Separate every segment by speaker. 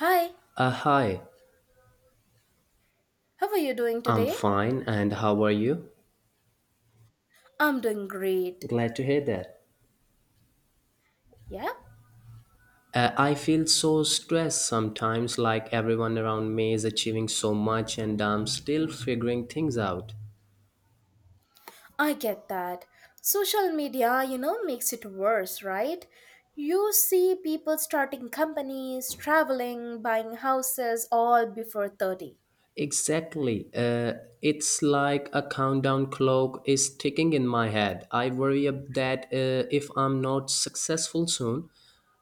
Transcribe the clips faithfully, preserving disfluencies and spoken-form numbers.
Speaker 1: Hi,
Speaker 2: Uh, hi,
Speaker 1: how are you doing
Speaker 2: I'm
Speaker 1: today?
Speaker 2: fine, and how are you?
Speaker 1: I'm doing great.
Speaker 2: Glad to hear that.
Speaker 1: Yeah,
Speaker 2: Uh, I feel so stressed sometimes, like everyone around me is achieving so much, and I'm still figuring things out.
Speaker 1: I get that. Social media, you know, makes it worse, right? You see people starting companies, traveling, buying houses all before thirty.
Speaker 2: Exactly. Uh, it's like a countdown clock is ticking in my head. I worry ab- that uh, if I'm not successful soon,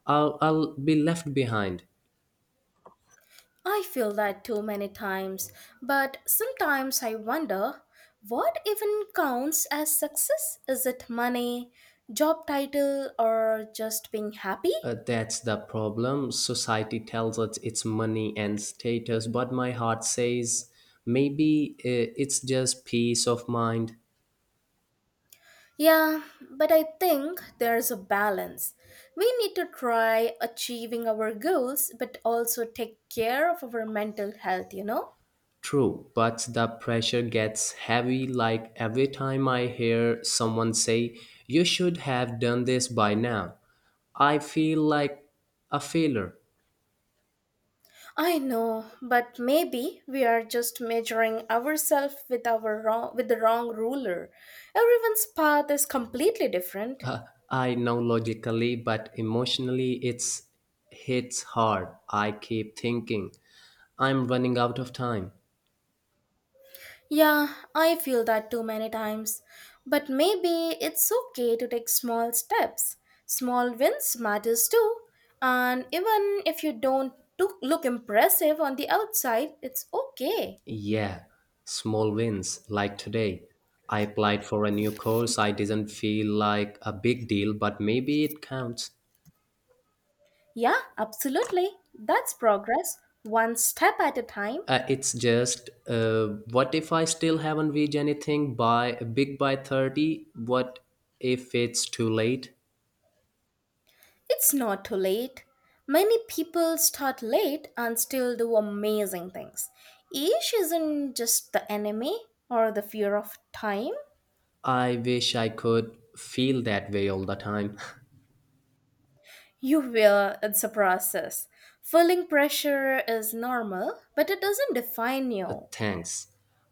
Speaker 2: I'll, I'll be left behind.
Speaker 1: I feel that too many times, but sometimes I wonder what even counts as success? Is it money, job title, or just being happy?
Speaker 2: Uh, that's the problem. Society tells us it's money and status, but my heart says maybe uh, it's just peace of mind.
Speaker 1: Yeah, but I think there's a balance. We need to try achieving our goals, but also take care of our mental health, you know?
Speaker 2: True, but the pressure gets heavy, like every time I hear someone say, "You should have done this by now." I feel like a failure.
Speaker 1: I know, but maybe we are just measuring ourselves with our wrong with the wrong ruler. Everyone's path is completely different.
Speaker 2: Uh, I know logically, but emotionally it's hits hard. I keep thinking, I'm running out of time.
Speaker 1: Yeah, I feel that too many times. But maybe it's okay to take small steps. Small wins matters too. And even if you don't to- look impressive on the outside, it's okay.
Speaker 2: Yeah, small wins. Like today, I applied for a new course. I didn't feel like a big deal, but maybe it counts.
Speaker 1: Yeah, absolutely. That's progress, one step at a time.
Speaker 2: Uh, it's just, uh, what if I still haven't reached anything by big by thirty? What if it's too late?
Speaker 1: It's not too late. Many people start late and still do amazing things. Age isn't just the enemy or the fear of time.
Speaker 2: I wish I could feel that way all the time.
Speaker 1: You will, it's a process. Feeling pressure is normal, but it doesn't define
Speaker 2: Uh,
Speaker 1: you.
Speaker 2: Thanks.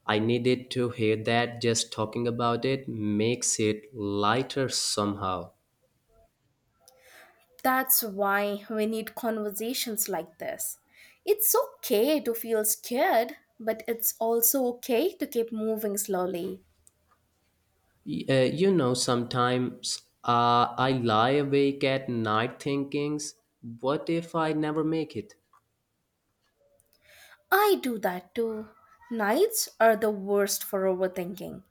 Speaker 2: I needed to hear that, just talking about it makes it lighter somehow.
Speaker 1: That's why we need conversations like this. It's okay to feel scared, but it's also okay to keep moving slowly.
Speaker 2: Y- Uh, you know, sometimes uh, I lie awake at night thinking, what if I never make it?
Speaker 1: I do that too. Nights are the worst for overthinking.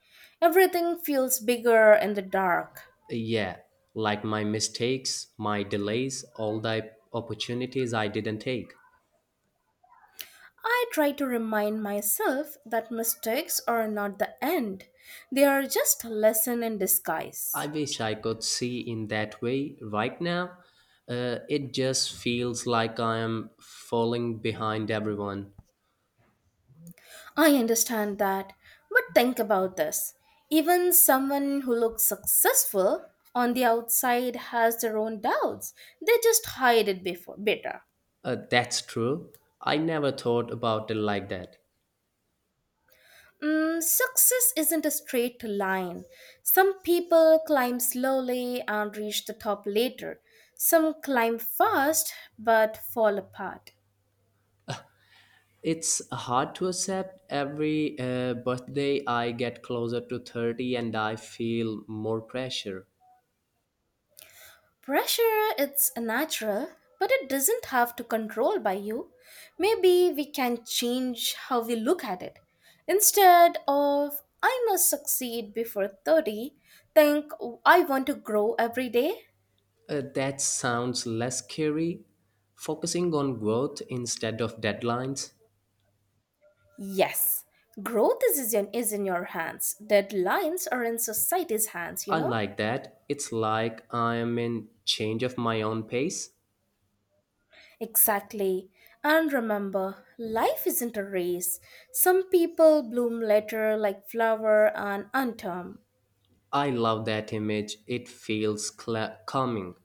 Speaker 1: Everything feels bigger in the dark.
Speaker 2: Yeah, like my mistakes, my delays, all the opportunities I didn't take.
Speaker 1: I try to remind myself that mistakes are not the end, they are just a lesson in disguise.
Speaker 2: I wish I could see in that way right now. Uh, it just feels like I am falling behind everyone.
Speaker 1: I understand that, but think about this. Even someone who looks successful on the outside has their own doubts, they just hide it before, better.
Speaker 2: Uh, that's true. I never thought about it like that.
Speaker 1: Mm, success isn't a straight line. Some people climb slowly and reach the top later. Some climb fast but fall apart.
Speaker 2: It's hard to accept. Every uh, birthday I get closer to thirty and I feel more pressure.
Speaker 1: Pressure it's natural, but it doesn't have to control by you. Maybe we can change how we look at it. Instead of I must succeed before thirty, think I want to grow every day.
Speaker 2: Uh, that sounds less scary. Focusing on growth instead of deadlines.
Speaker 1: Yes, growth is in, is in your hands. Deadlines are in society's hands, you
Speaker 2: I
Speaker 1: know?
Speaker 2: like that. It's like I am in change of my own pace.
Speaker 1: Exactly. And remember, life isn't a race. Some people bloom later like flower and unterm.
Speaker 2: I love that image. It feels cla calming.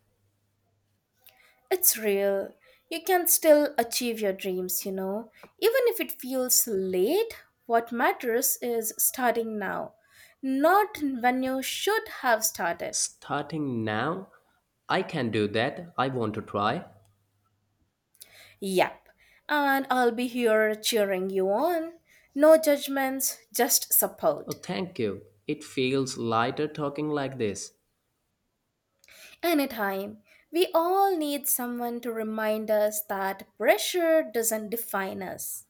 Speaker 1: It's real. You can still achieve your dreams, you know. Even if it feels late, what matters is starting now, not when you should have started.
Speaker 2: Starting now, I can do that. I want to try.
Speaker 1: Yep. And I'll be here cheering you on. No judgments, just
Speaker 2: Oh,
Speaker 1: support.
Speaker 2: thank you. It feels lighter talking like this.
Speaker 1: Anytime. We all need someone to remind us that pressure doesn't define us.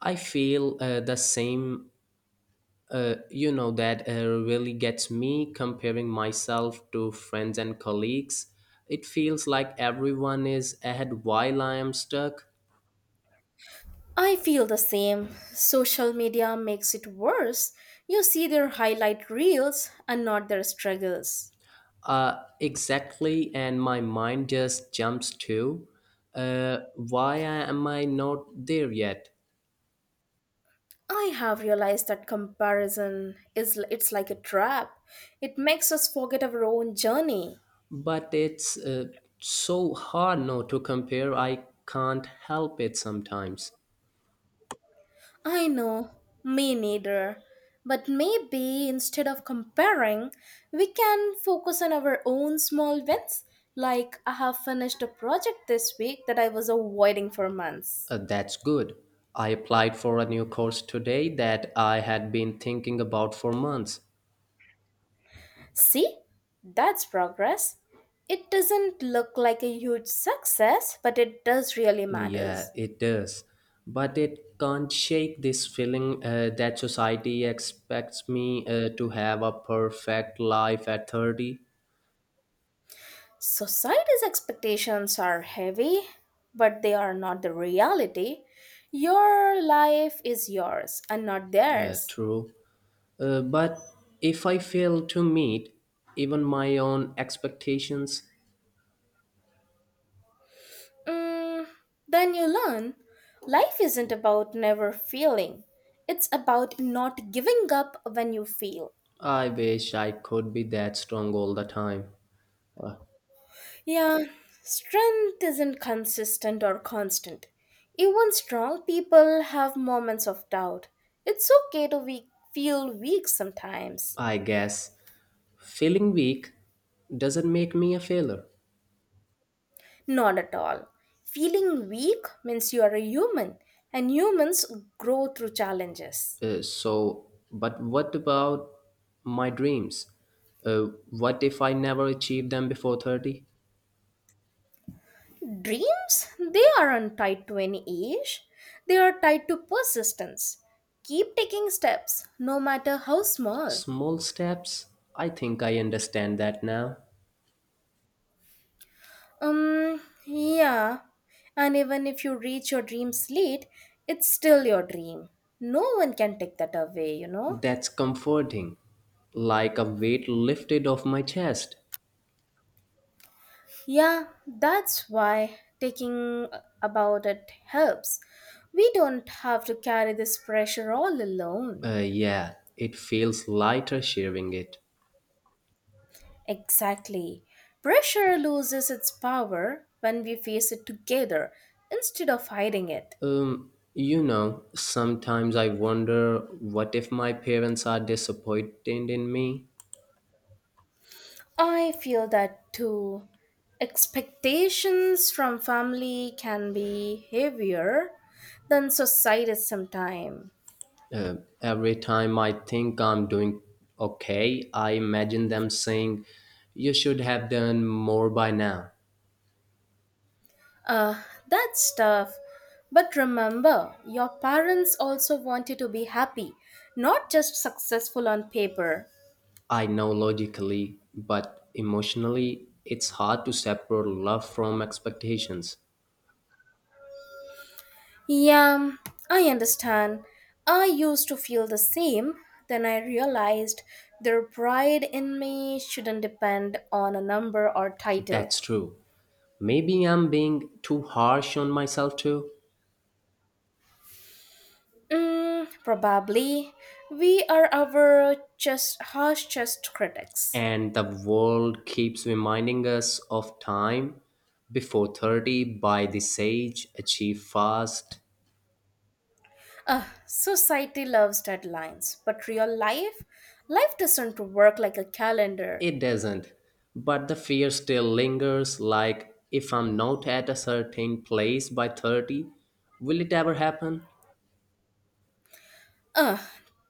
Speaker 2: I feel uh, the same. Uh, you know, that uh, really gets me comparing myself to friends and colleagues. It feels like everyone is ahead while I am stuck.
Speaker 1: I feel the same. Social media makes it worse. You see their highlight reels and not their struggles.
Speaker 2: Uh, exactly, and my mind just jumps to uh, why am I not there yet?
Speaker 1: I have realized that comparison is it's like a trap. It makes us forget our own journey.
Speaker 2: But it's uh, so hard not to compare. I can't help it sometimes.
Speaker 1: I know, me neither. But maybe instead of comparing, we can focus on our own small wins. Like I have finished a project this week that I was avoiding for months.
Speaker 2: Uh, that's good. I applied for a new course today that I had been thinking about for months.
Speaker 1: See, that's progress. It doesn't look like a huge success, but it does really
Speaker 2: Yeah,
Speaker 1: matters.
Speaker 2: it does. But it can't shake this feeling uh, that society expects me uh, to have a perfect life at thirty.
Speaker 1: Society's expectations are heavy, but they are not the reality. Your life is yours and not
Speaker 2: Uh,
Speaker 1: theirs.
Speaker 2: true. Uh, but if I fail to meet even my own expectations,
Speaker 1: Mm, then you learn life isn't about never feeling, it's about not giving up when you feel.
Speaker 2: I wish I could be that strong all the time. Uh,
Speaker 1: Yeah, strength isn't consistent or constant. Even strong people have moments of doubt. It's okay to we- feel weak sometimes.
Speaker 2: I guess feeling weak doesn't make me a failure.
Speaker 1: Not at all. Feeling weak means you are a human, and humans grow through challenges.
Speaker 2: Uh, so, but what about my dreams? Uh, what if I never achieve them before thirty?
Speaker 1: Dreams, they aren't tied to any age, they are tied to persistence. Keep taking steps, no matter how small.
Speaker 2: Small steps? I think I understand that now.
Speaker 1: Um, yeah. And even if you reach your dreams late, it's still your dream. No one can take that away, you know?
Speaker 2: That's comforting, like a weight lifted off my chest.
Speaker 1: Yeah, that's why taking about it helps. We don't have to carry this pressure all
Speaker 2: Uh,
Speaker 1: alone.
Speaker 2: yeah, it feels lighter sharing it.
Speaker 1: Exactly. Pressure loses its power when we face it together instead of hiding it.
Speaker 2: Um, you know, sometimes I wonder, what if my parents are disappointed in me?
Speaker 1: I feel that too. Expectations from family can be heavier than society sometimes.
Speaker 2: Uh, every time I think I'm doing okay, I imagine them saying, "You should have done more by now."
Speaker 1: Uh, that's tough. But remember, your parents also want you to be happy, not just successful on paper.
Speaker 2: I know logically, but emotionally, it's hard to separate love from expectations.
Speaker 1: Yeah, I understand. I used to feel the same. Then I realized their pride in me shouldn't depend on a number or title.
Speaker 2: That's true. Maybe I'm being too harsh on myself too.
Speaker 1: Mm, probably. We are our just harsh just critics.
Speaker 2: and the world keeps reminding us of time before thirty by the sage achieve fast.
Speaker 1: Ugh, society loves deadlines, but real life, life doesn't work like a calendar.
Speaker 2: It doesn't, but the fear still lingers, like, if I'm not at a certain place by thirty, will it ever happen?
Speaker 1: Ugh,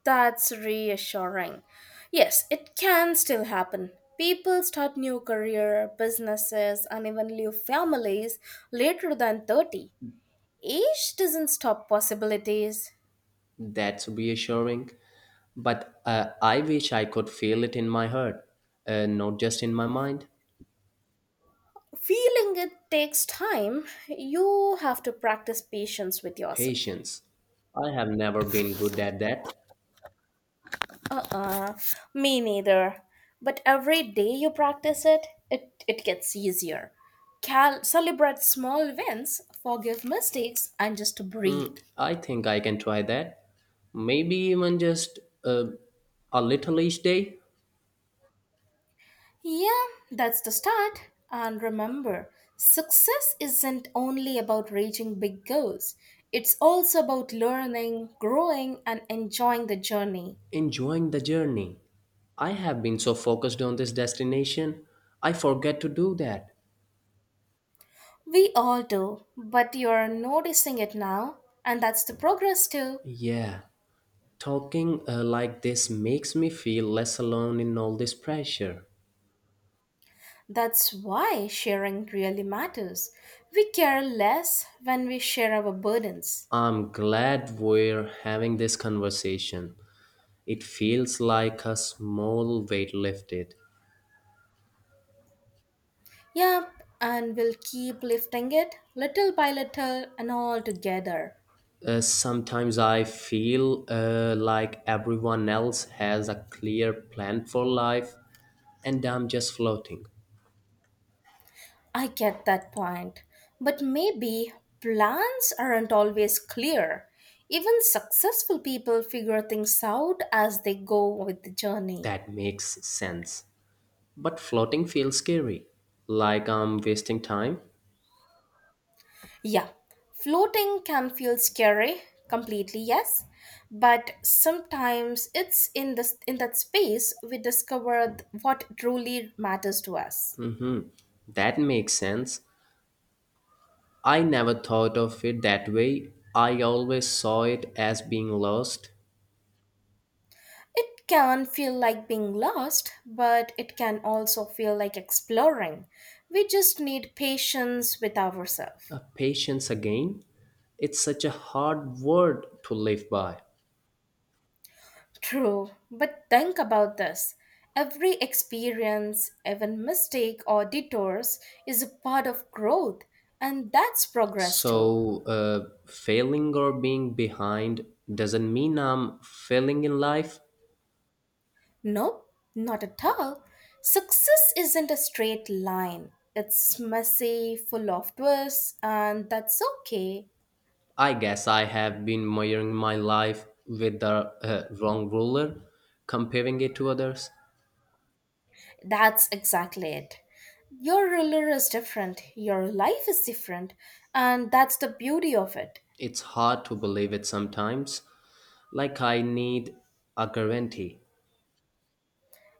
Speaker 1: that's reassuring. Yes, it can still happen. People start new career, businesses, and even new families later than thirty. Age doesn't stop possibilities.
Speaker 2: That's reassuring, but uh, I wish I could feel it in my heart, uh, not just in my mind.
Speaker 1: Feeling it takes time. You have to practice patience with yourself.
Speaker 2: Patience, I have never been good at that.
Speaker 1: Uh uh me neither. But every day you practice it, it, it gets easier. Cal- celebrate small wins, forgive mistakes, and just
Speaker 2: Mm,
Speaker 1: breathe.
Speaker 2: I think I can try that. Maybe even just uh, a little each day,
Speaker 1: Yeah, that's the start. And remember, success isn't only about reaching big goals, it's also about learning, growing, and enjoying the journey.
Speaker 2: enjoying the journey. I have been so focused on this destination, I forget to do that.
Speaker 1: We all do, but you're noticing it now, and that's the progress too.
Speaker 2: Yeah, talking uh, like this makes me feel less alone in all this pressure.
Speaker 1: That's why sharing really matters. We care less when we share our burdens.
Speaker 2: I'm glad we're having this conversation. It feels like a small weight lifted.
Speaker 1: Yep, and we'll keep lifting it little by little and all together.
Speaker 2: Uh, sometimes I feel uh, like everyone else has a clear plan for life and I'm just floating.
Speaker 1: I get that point. But maybe plans aren't always clear. Even successful people figure things out as they go with the journey.
Speaker 2: That makes sense. But floating feels scary, like I'm wasting time.
Speaker 1: Yeah, floating can feel scary, completely yes, but sometimes it's in this in that space we discover th- what truly matters to us.
Speaker 2: Mm-hmm. That makes sense. I never thought of it that way. I always saw it as being lost.
Speaker 1: It can feel like being lost, but it can also feel like exploring. We just need patience with ourselves.
Speaker 2: A patience again. It's such a hard word to live by.
Speaker 1: True, but think about this. Every experience, even mistake or detours is a part of growth, and that's progress too.
Speaker 2: So, uh, failing or being behind doesn't mean I'm failing in life.
Speaker 1: Nope, not at all. Success isn't a straight line. It's messy, full of twists, and that's okay.
Speaker 2: I guess I have been measuring my life with the uh, wrong ruler, comparing it to others.
Speaker 1: That's exactly it. Your ruler is different, your life is different, and that's the beauty of it.
Speaker 2: It's hard to believe it sometimes. Like, I need a guarantee,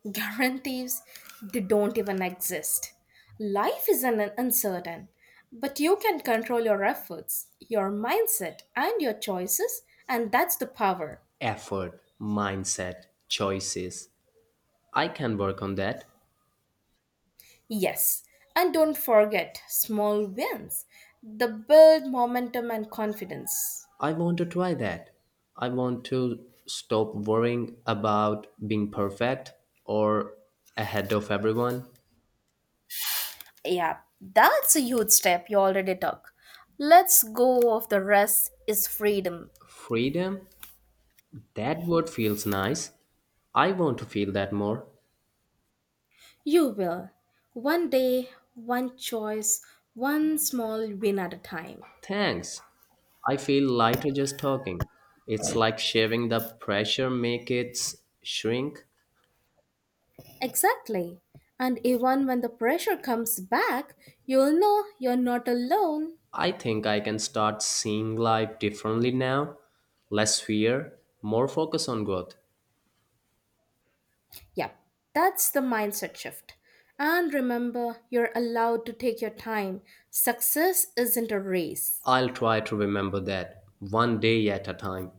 Speaker 1: Guarantees they don't even exist. Life is an uncertain, but you can control your efforts, your mindset, and your choices, and that's the power.
Speaker 2: effort, mindset, choices. I can work on that.
Speaker 1: Yes, and don't forget small wins, the build momentum and confidence.
Speaker 2: I want to try that. I want to stop worrying about being perfect or ahead of everyone.
Speaker 1: Yeah, that's a huge step you already took. Let's go of the rest is freedom.
Speaker 2: Freedom? That word feels nice. I want to feel that more.
Speaker 1: You will. One day, one choice, one small win at a time.
Speaker 2: Thanks. I feel lighter just talking. It's like sharing the pressure make it shrink.
Speaker 1: Exactly. And even when the pressure comes back, you'll know you're not alone.
Speaker 2: I think I can start seeing life differently now. Less fear, more focus on growth.
Speaker 1: Yep, that's the mindset shift. And remember, you're allowed to take your time. Success isn't a race.
Speaker 2: I'll try to remember that one day at a time.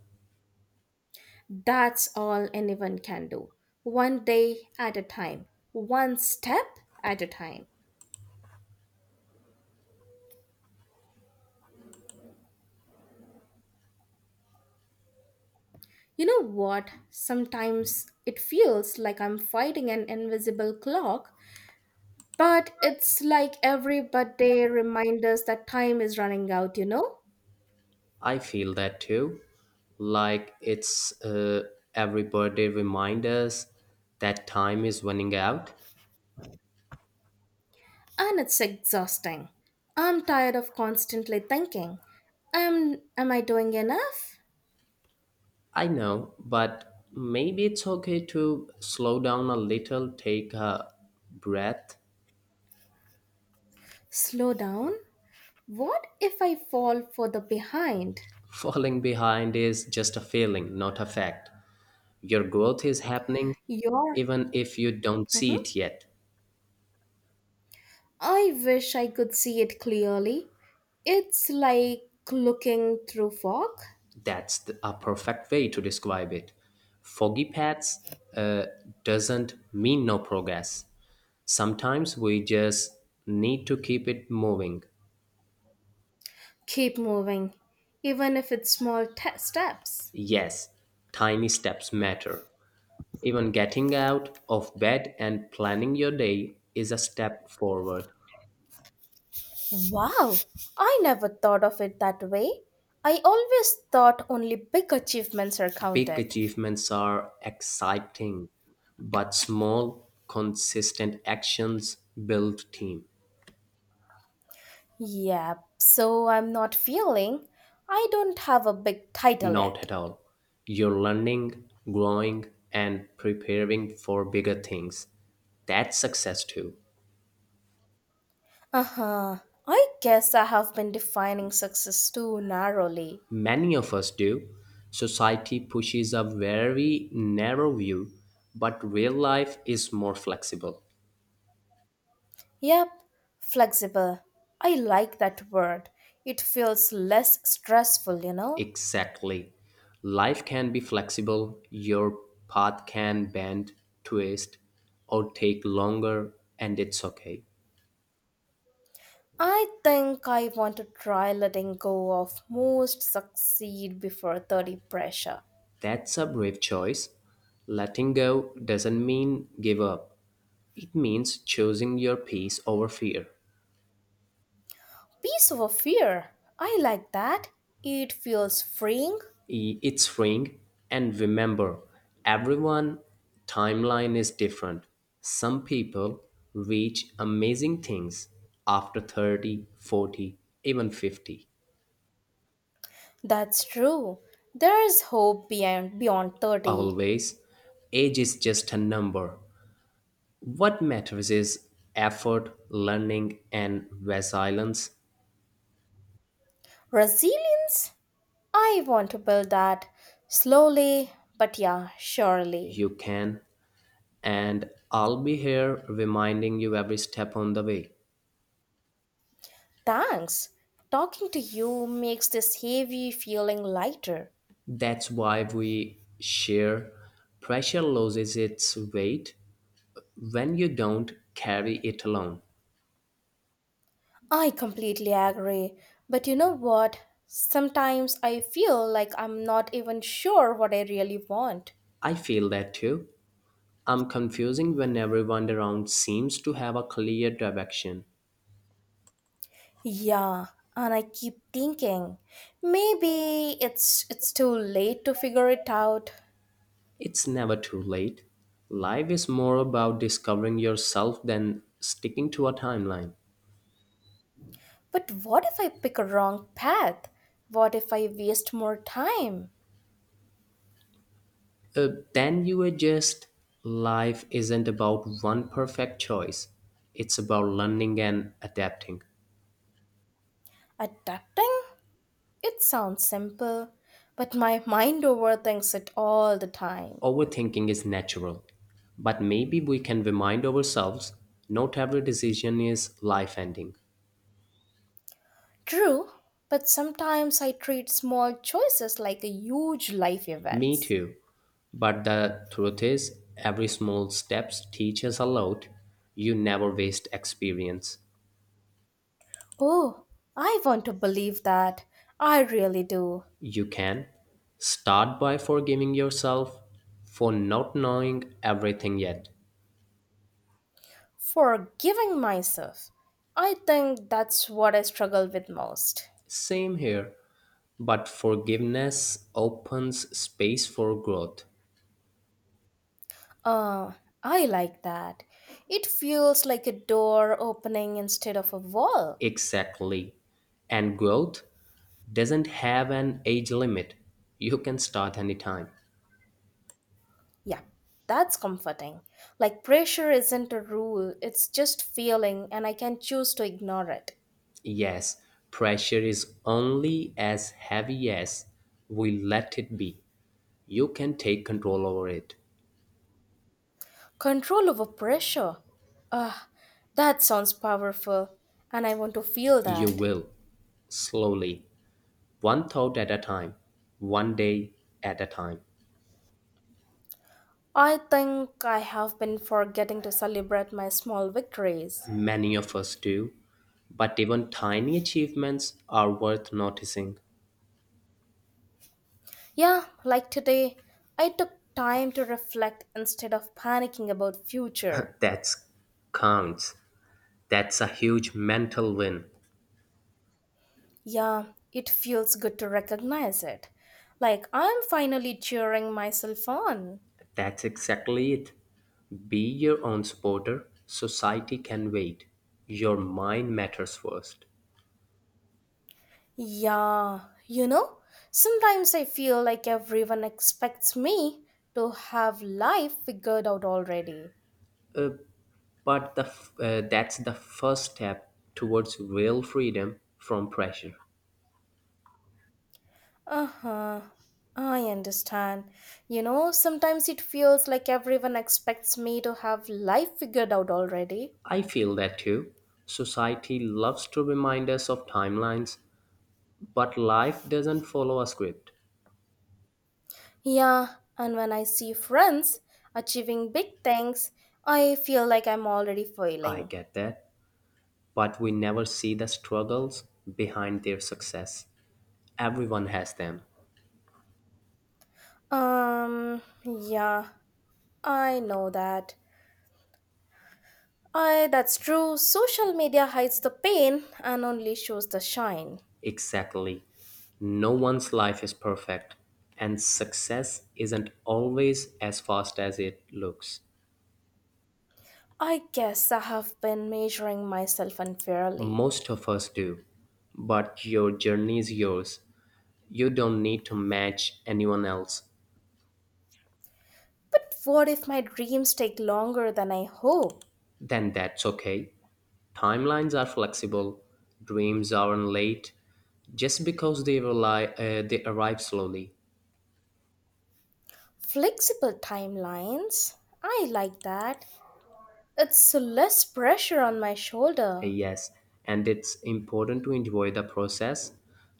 Speaker 1: That's all anyone can do. One day at a time, one step at a time. You know what? Sometimes it feels like I'm fighting an invisible clock, but it's like every birthday reminds us that time is running out, you know?
Speaker 2: I feel that too. Like it's uh, every birthday remind us that time is running out.
Speaker 1: And it's exhausting. I'm tired of constantly thinking, am, am I doing enough?
Speaker 2: I know, but maybe it's okay to slow down a little, take a breath.
Speaker 1: Slow down. What if I fall for the behind?
Speaker 2: Falling behind is just a feeling, not a fact. Your growth is happening
Speaker 1: Your.
Speaker 2: even if you don't see
Speaker 1: Mhm.
Speaker 2: it yet.
Speaker 1: I wish I could see it clearly. It's like looking through fog.
Speaker 2: That's the, a perfect way to describe it. Foggy paths uh, doesn't mean no progress. Sometimes we just need to keep it moving.
Speaker 1: Keep moving, even if it's small te- steps.
Speaker 2: Yes, tiny steps matter. Even getting out of bed and planning your day is a step forward.
Speaker 1: Wow, I never thought of it that way. I always thought only big achievements are
Speaker 2: Big
Speaker 1: counted.
Speaker 2: achievements are exciting, but small, consistent actions build team.
Speaker 1: Yeah, so I'm not feeling. I don't have a big title
Speaker 2: Not
Speaker 1: yet.
Speaker 2: at all. You're learning, growing, and preparing for bigger things. That's success too.
Speaker 1: Uh huh. I guess I have been defining success too narrowly.
Speaker 2: Many of us do. Society pushes a very narrow view, but real life is more flexible.
Speaker 1: Yep, flexible. I like that word. It feels less stressful, you know?
Speaker 2: Exactly. Life can be flexible, your path can bend, twist, or take longer, and it's okay.
Speaker 1: I think I want to try letting go of most succeed before thirty pressure.
Speaker 2: That's a brave choice. Letting go doesn't mean give up. It means choosing your peace over fear.
Speaker 1: Peace over fear. I like that. It feels freeing.
Speaker 2: I- It's freeing, and remember, everyone timeline is different. Some people reach amazing things after thirty, forty, even fifty.
Speaker 1: That's true. There is hope beyond, beyond thirty.
Speaker 2: Always, age is just a number. What matters is effort, learning, and resilience.
Speaker 1: Resilience? I want to build that slowly, but yeah, surely.
Speaker 2: You can, and I'll be here reminding you every step on the way.
Speaker 1: Thanks. Talking to you makes this heavy feeling lighter.
Speaker 2: That's why we share. Pressure loses its weight when you don't carry it alone.
Speaker 1: I completely agree. But you know what? Sometimes I feel like I'm not even sure what I really want.
Speaker 2: I feel that too. I'm confusing when everyone around seems to have a clear direction.
Speaker 1: Yeah, and I keep thinking maybe it's it's too late to figure it out.
Speaker 2: It's never too late. Life is more about discovering yourself than sticking to a timeline.
Speaker 1: But what if I pick a wrong path? What if I waste more time?
Speaker 2: Uh, then you adjust. Life isn't about one perfect choice, it's about learning and adapting.
Speaker 1: Adapting? It sounds simple, but my mind overthinks it all the time.
Speaker 2: Overthinking is natural, but maybe we can remind ourselves not every decision is life ending.
Speaker 1: True, but sometimes I treat small choices like a huge life
Speaker 2: Me
Speaker 1: events.
Speaker 2: too. But the truth is, every small steps teaches a lot. You never waste experience.
Speaker 1: Oh, I want to believe that. I really do.
Speaker 2: You can start by forgiving yourself for not knowing everything yet.
Speaker 1: Forgiving myself. I think that's what I struggle with most.
Speaker 2: Same here. But forgiveness opens space for growth.
Speaker 1: Ah, I like that. It feels like a door opening instead of a wall.
Speaker 2: Exactly. And growth doesn't have an age limit. You can start anytime.
Speaker 1: Yeah, that's comforting. Like pressure isn't a rule, it's just feeling, and I can choose to ignore it.
Speaker 2: Yes, pressure is only as heavy as we let it be. You can take control over it.
Speaker 1: Control over pressure. Ah, that sounds powerful, and I want to feel
Speaker 2: You
Speaker 1: that.
Speaker 2: will. Slowly. One thought at a time. One day at a time.
Speaker 1: I think I have been forgetting to celebrate my small victories.
Speaker 2: Many of us do, but even tiny achievements are worth noticing.
Speaker 1: Yeah, like today, I took time to reflect instead of panicking about future.
Speaker 2: That's counts. That's a huge mental win.
Speaker 1: Yeah, it feels good to recognize it. Like I'm finally cheering myself on.
Speaker 2: That's exactly it. Be your own supporter. Society can wait. Your mind matters first.
Speaker 1: Yeah, you know, sometimes I feel like everyone expects me to have life figured out already.
Speaker 2: Uh, but the f- uh, that's the first step towards real freedom from pressure.
Speaker 1: Uh huh. I understand. You know, sometimes it feels like everyone expects me to have life figured out already.
Speaker 2: I feel that too. Society loves to remind us of timelines, but life doesn't follow a script.
Speaker 1: Yeah, and when I see friends achieving big things, I feel like I'm already
Speaker 2: I
Speaker 1: failing.
Speaker 2: get that, but we never see the struggles behind their success. Everyone has them.
Speaker 1: Um, yeah, I know that. I that's true. Social media hides the pain and only shows the shine.
Speaker 2: Exactly. No one's life is perfect, and success isn't always as fast as it looks.
Speaker 1: I guess I have been measuring myself unfairly.
Speaker 2: Most of us do, but your journey is yours. You don't need to match anyone else.
Speaker 1: But what if my dreams take longer than I hope?
Speaker 2: Then that's okay. Timelines are flexible, dreams aren't late just because they rely uh, they arrive slowly.
Speaker 1: Flexible timelines. I like that. It's less pressure on my shoulder.
Speaker 2: Yes, and it's important to enjoy the process,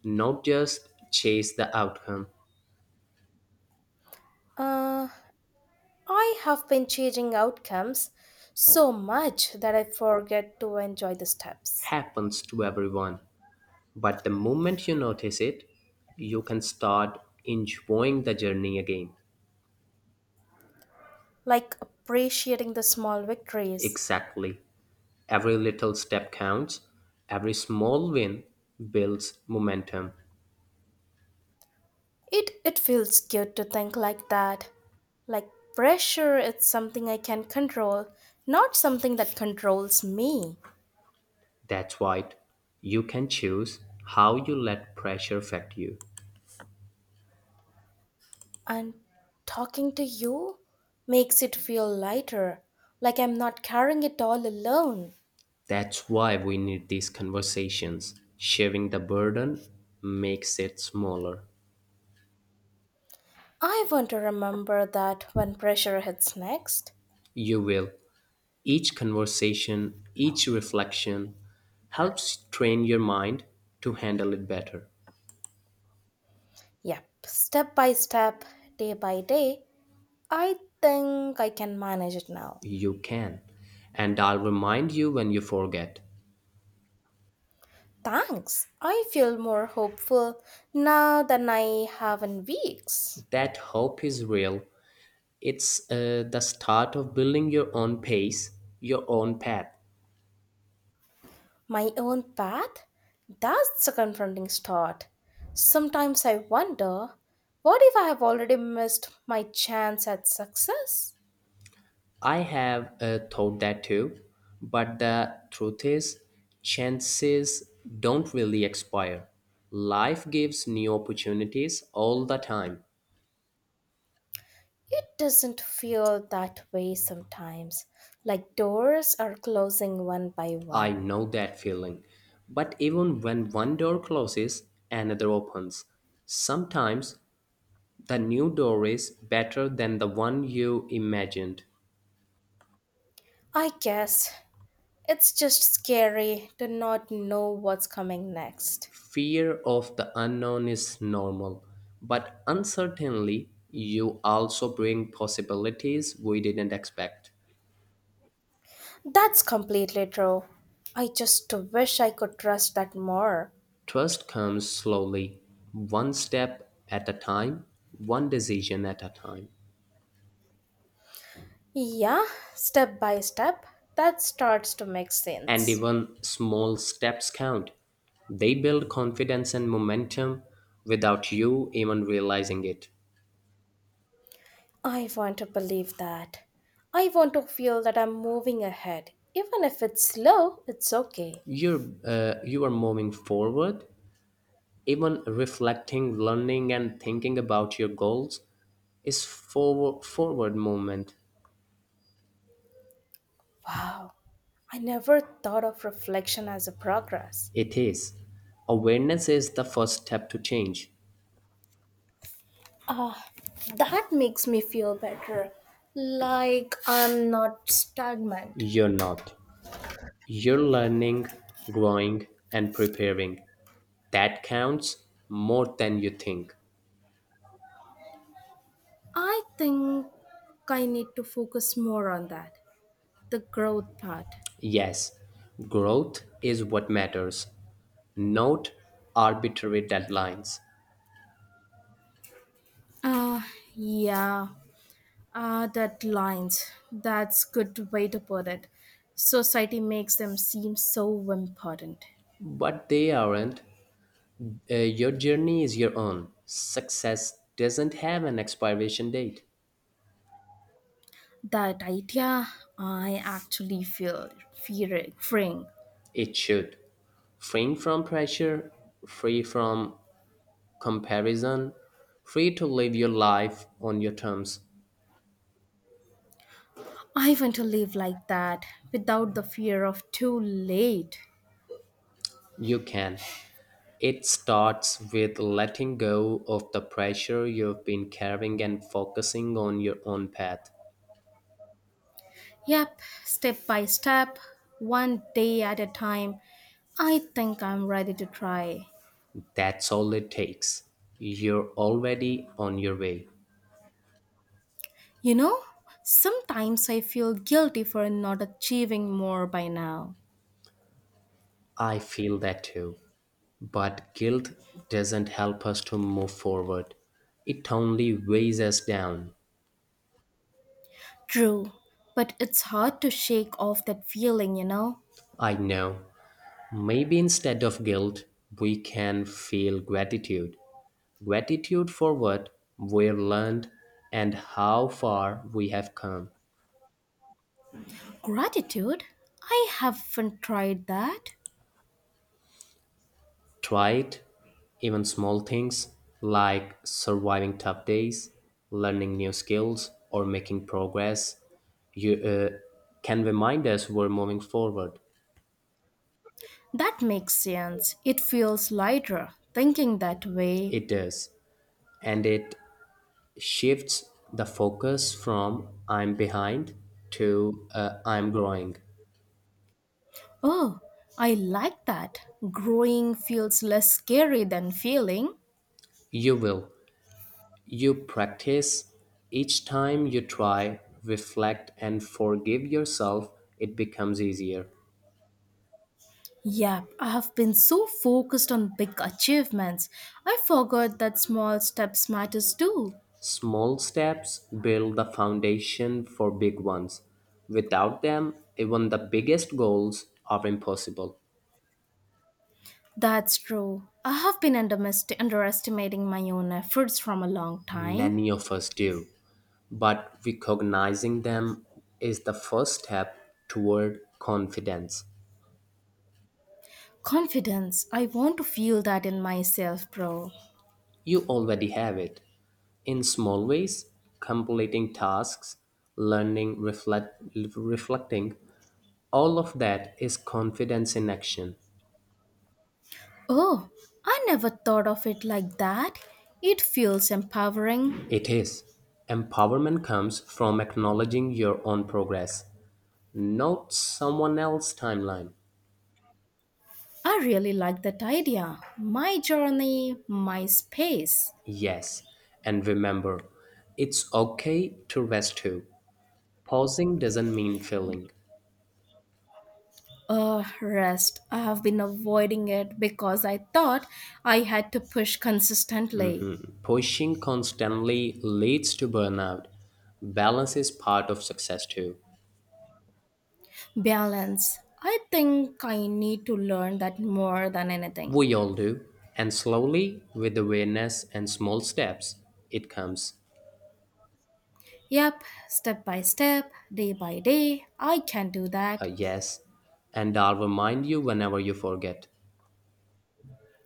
Speaker 2: not just chase the outcome.
Speaker 1: Uh, I have been changing outcomes so much that I forget to enjoy the steps.
Speaker 2: Happens to everyone. But the moment you notice it, you can start enjoying the journey again.
Speaker 1: Like appreciating the small victories.
Speaker 2: Exactly. Every little step counts, every small win builds momentum.
Speaker 1: It it feels good to think like that. Like pressure is something I can control, not something that controls me.
Speaker 2: That's right. You can choose how you let pressure affect you.
Speaker 1: And talking to you makes it feel lighter, like I'm not carrying it all alone.
Speaker 2: That's why we need these conversations. Sharing the burden makes it smaller.
Speaker 1: I want to remember that when pressure hits next.
Speaker 2: You will. Each conversation, each reflection helps train your mind to handle it better.
Speaker 1: Yep, step by step, day by day, I think I can manage it now.
Speaker 2: You can. And I'll remind you when you forget.
Speaker 1: Thanks. I feel more hopeful now than I have in weeks.
Speaker 2: That hope is real. It's uh, the start of building your own pace, your own path.
Speaker 1: My own path? That's a confronting start. Sometimes I wonder what if I have already missed my chance at success?
Speaker 2: I have uh, thought that too, but the truth is, chances don't really expire. Life gives new opportunities all the time.
Speaker 1: It doesn't feel that way sometimes, like doors are closing one by
Speaker 2: I
Speaker 1: one.
Speaker 2: know that feeling. But even when one door closes, another opens. Sometimes the new door is better than the one you imagined.
Speaker 1: I guess it's just scary to not know what's coming next.
Speaker 2: Fear of the unknown is normal, but uncertainly, you also bring possibilities we didn't expect.
Speaker 1: That's completely true. I just wish I could trust that more.
Speaker 2: Trust comes slowly, one step at a time, one decision at a time.
Speaker 1: Yeah, step by step, that starts to make
Speaker 2: And
Speaker 1: sense.
Speaker 2: even small steps count. They build confidence and momentum without you even realizing it.
Speaker 1: I want to believe that. I want to feel that I'm moving ahead. Even if it's slow, it's okay.
Speaker 2: You're, uh, you are moving forward. Even reflecting, learning, and thinking about your goals is forward, forward movement.
Speaker 1: Wow, I never thought of reflection as a progress.
Speaker 2: It is. Awareness is the first step to change.
Speaker 1: Ah, that makes me feel better. Like I'm not stagnant.
Speaker 2: You're not. You're learning, growing, and preparing. That counts more than you think.
Speaker 1: I think I need to focus more on that, the growth part.
Speaker 2: Yes, growth is what matters. Note arbitrary deadlines.
Speaker 1: Uh, yeah, uh, deadlines. That's good way to put it. Society makes them seem so important.
Speaker 2: But they aren't. Uh, your journey is your own. Success doesn't have an expiration date.
Speaker 1: That idea, I actually feel fearing. fearing.
Speaker 2: It should. Free from pressure, free from comparison, free to live your life on your terms.
Speaker 1: I want to live like that without the fear of too late.
Speaker 2: You can. It starts with letting go of the pressure you've been carrying and focusing on your own path.
Speaker 1: Yep, step by step, one day at a time. I think I'm ready to try.
Speaker 2: That's all it takes. You're already on your way.
Speaker 1: You know, sometimes I feel guilty for not achieving more by now.
Speaker 2: I feel that too. But guilt doesn't help us to move forward. It only weighs us down.
Speaker 1: True, but it's hard to shake off that feeling, you know.
Speaker 2: I know. Maybe instead of guilt, we can feel gratitude. Gratitude for what we've learned and how far we have come.
Speaker 1: Gratitude? I haven't tried that.
Speaker 2: Try it. Even small things like surviving tough days, learning new skills, or making progress you, uh, can remind us we're moving forward.
Speaker 1: That makes sense. It feels lighter thinking that way.
Speaker 2: It does. And it shifts the focus from I'm behind to uh, I'm growing.
Speaker 1: Oh, I like that. Growing feels less scary than feeling.
Speaker 2: You will. You practice. Each time you try, reflect, and forgive yourself, it becomes easier.
Speaker 1: Yep, I have been so focused on big achievements. I forgot that small steps matters too.
Speaker 2: Small steps build the foundation for big ones. Without them, even the biggest goals are impossible.
Speaker 1: That's true. I have been undermest- underestimating my own efforts from a long time.
Speaker 2: Many of us do, but recognizing them is the first step toward confidence.
Speaker 1: Confidence. I want to feel that in myself, bro.
Speaker 2: You already have it. In small ways, completing tasks, learning, reflect, reflecting, all of that is confidence in action.
Speaker 1: Oh, I never thought of it like that. It feels empowering.
Speaker 2: It is. Empowerment comes from acknowledging your own progress, not someone else's timeline.
Speaker 1: I really like that idea. My journey, my space.
Speaker 2: Yes, and remember, it's okay to rest too. Pausing doesn't mean failing.
Speaker 1: Uh, rest. I have been avoiding it because I thought I had to push consistently.
Speaker 2: Mhm. Pushing constantly leads to burnout. Balance is part of success too.
Speaker 1: Balance. I think I need to learn that more than anything.
Speaker 2: We all do. And slowly, with awareness and small steps, it comes.
Speaker 1: Yep, step by step, day by day, I can do
Speaker 2: A
Speaker 1: that.
Speaker 2: yes. And I'll remind you whenever you forget.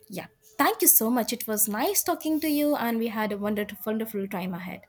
Speaker 1: Yep. Thank you so much. It was nice talking to you, and we had a wonderful, wonderful time ahead.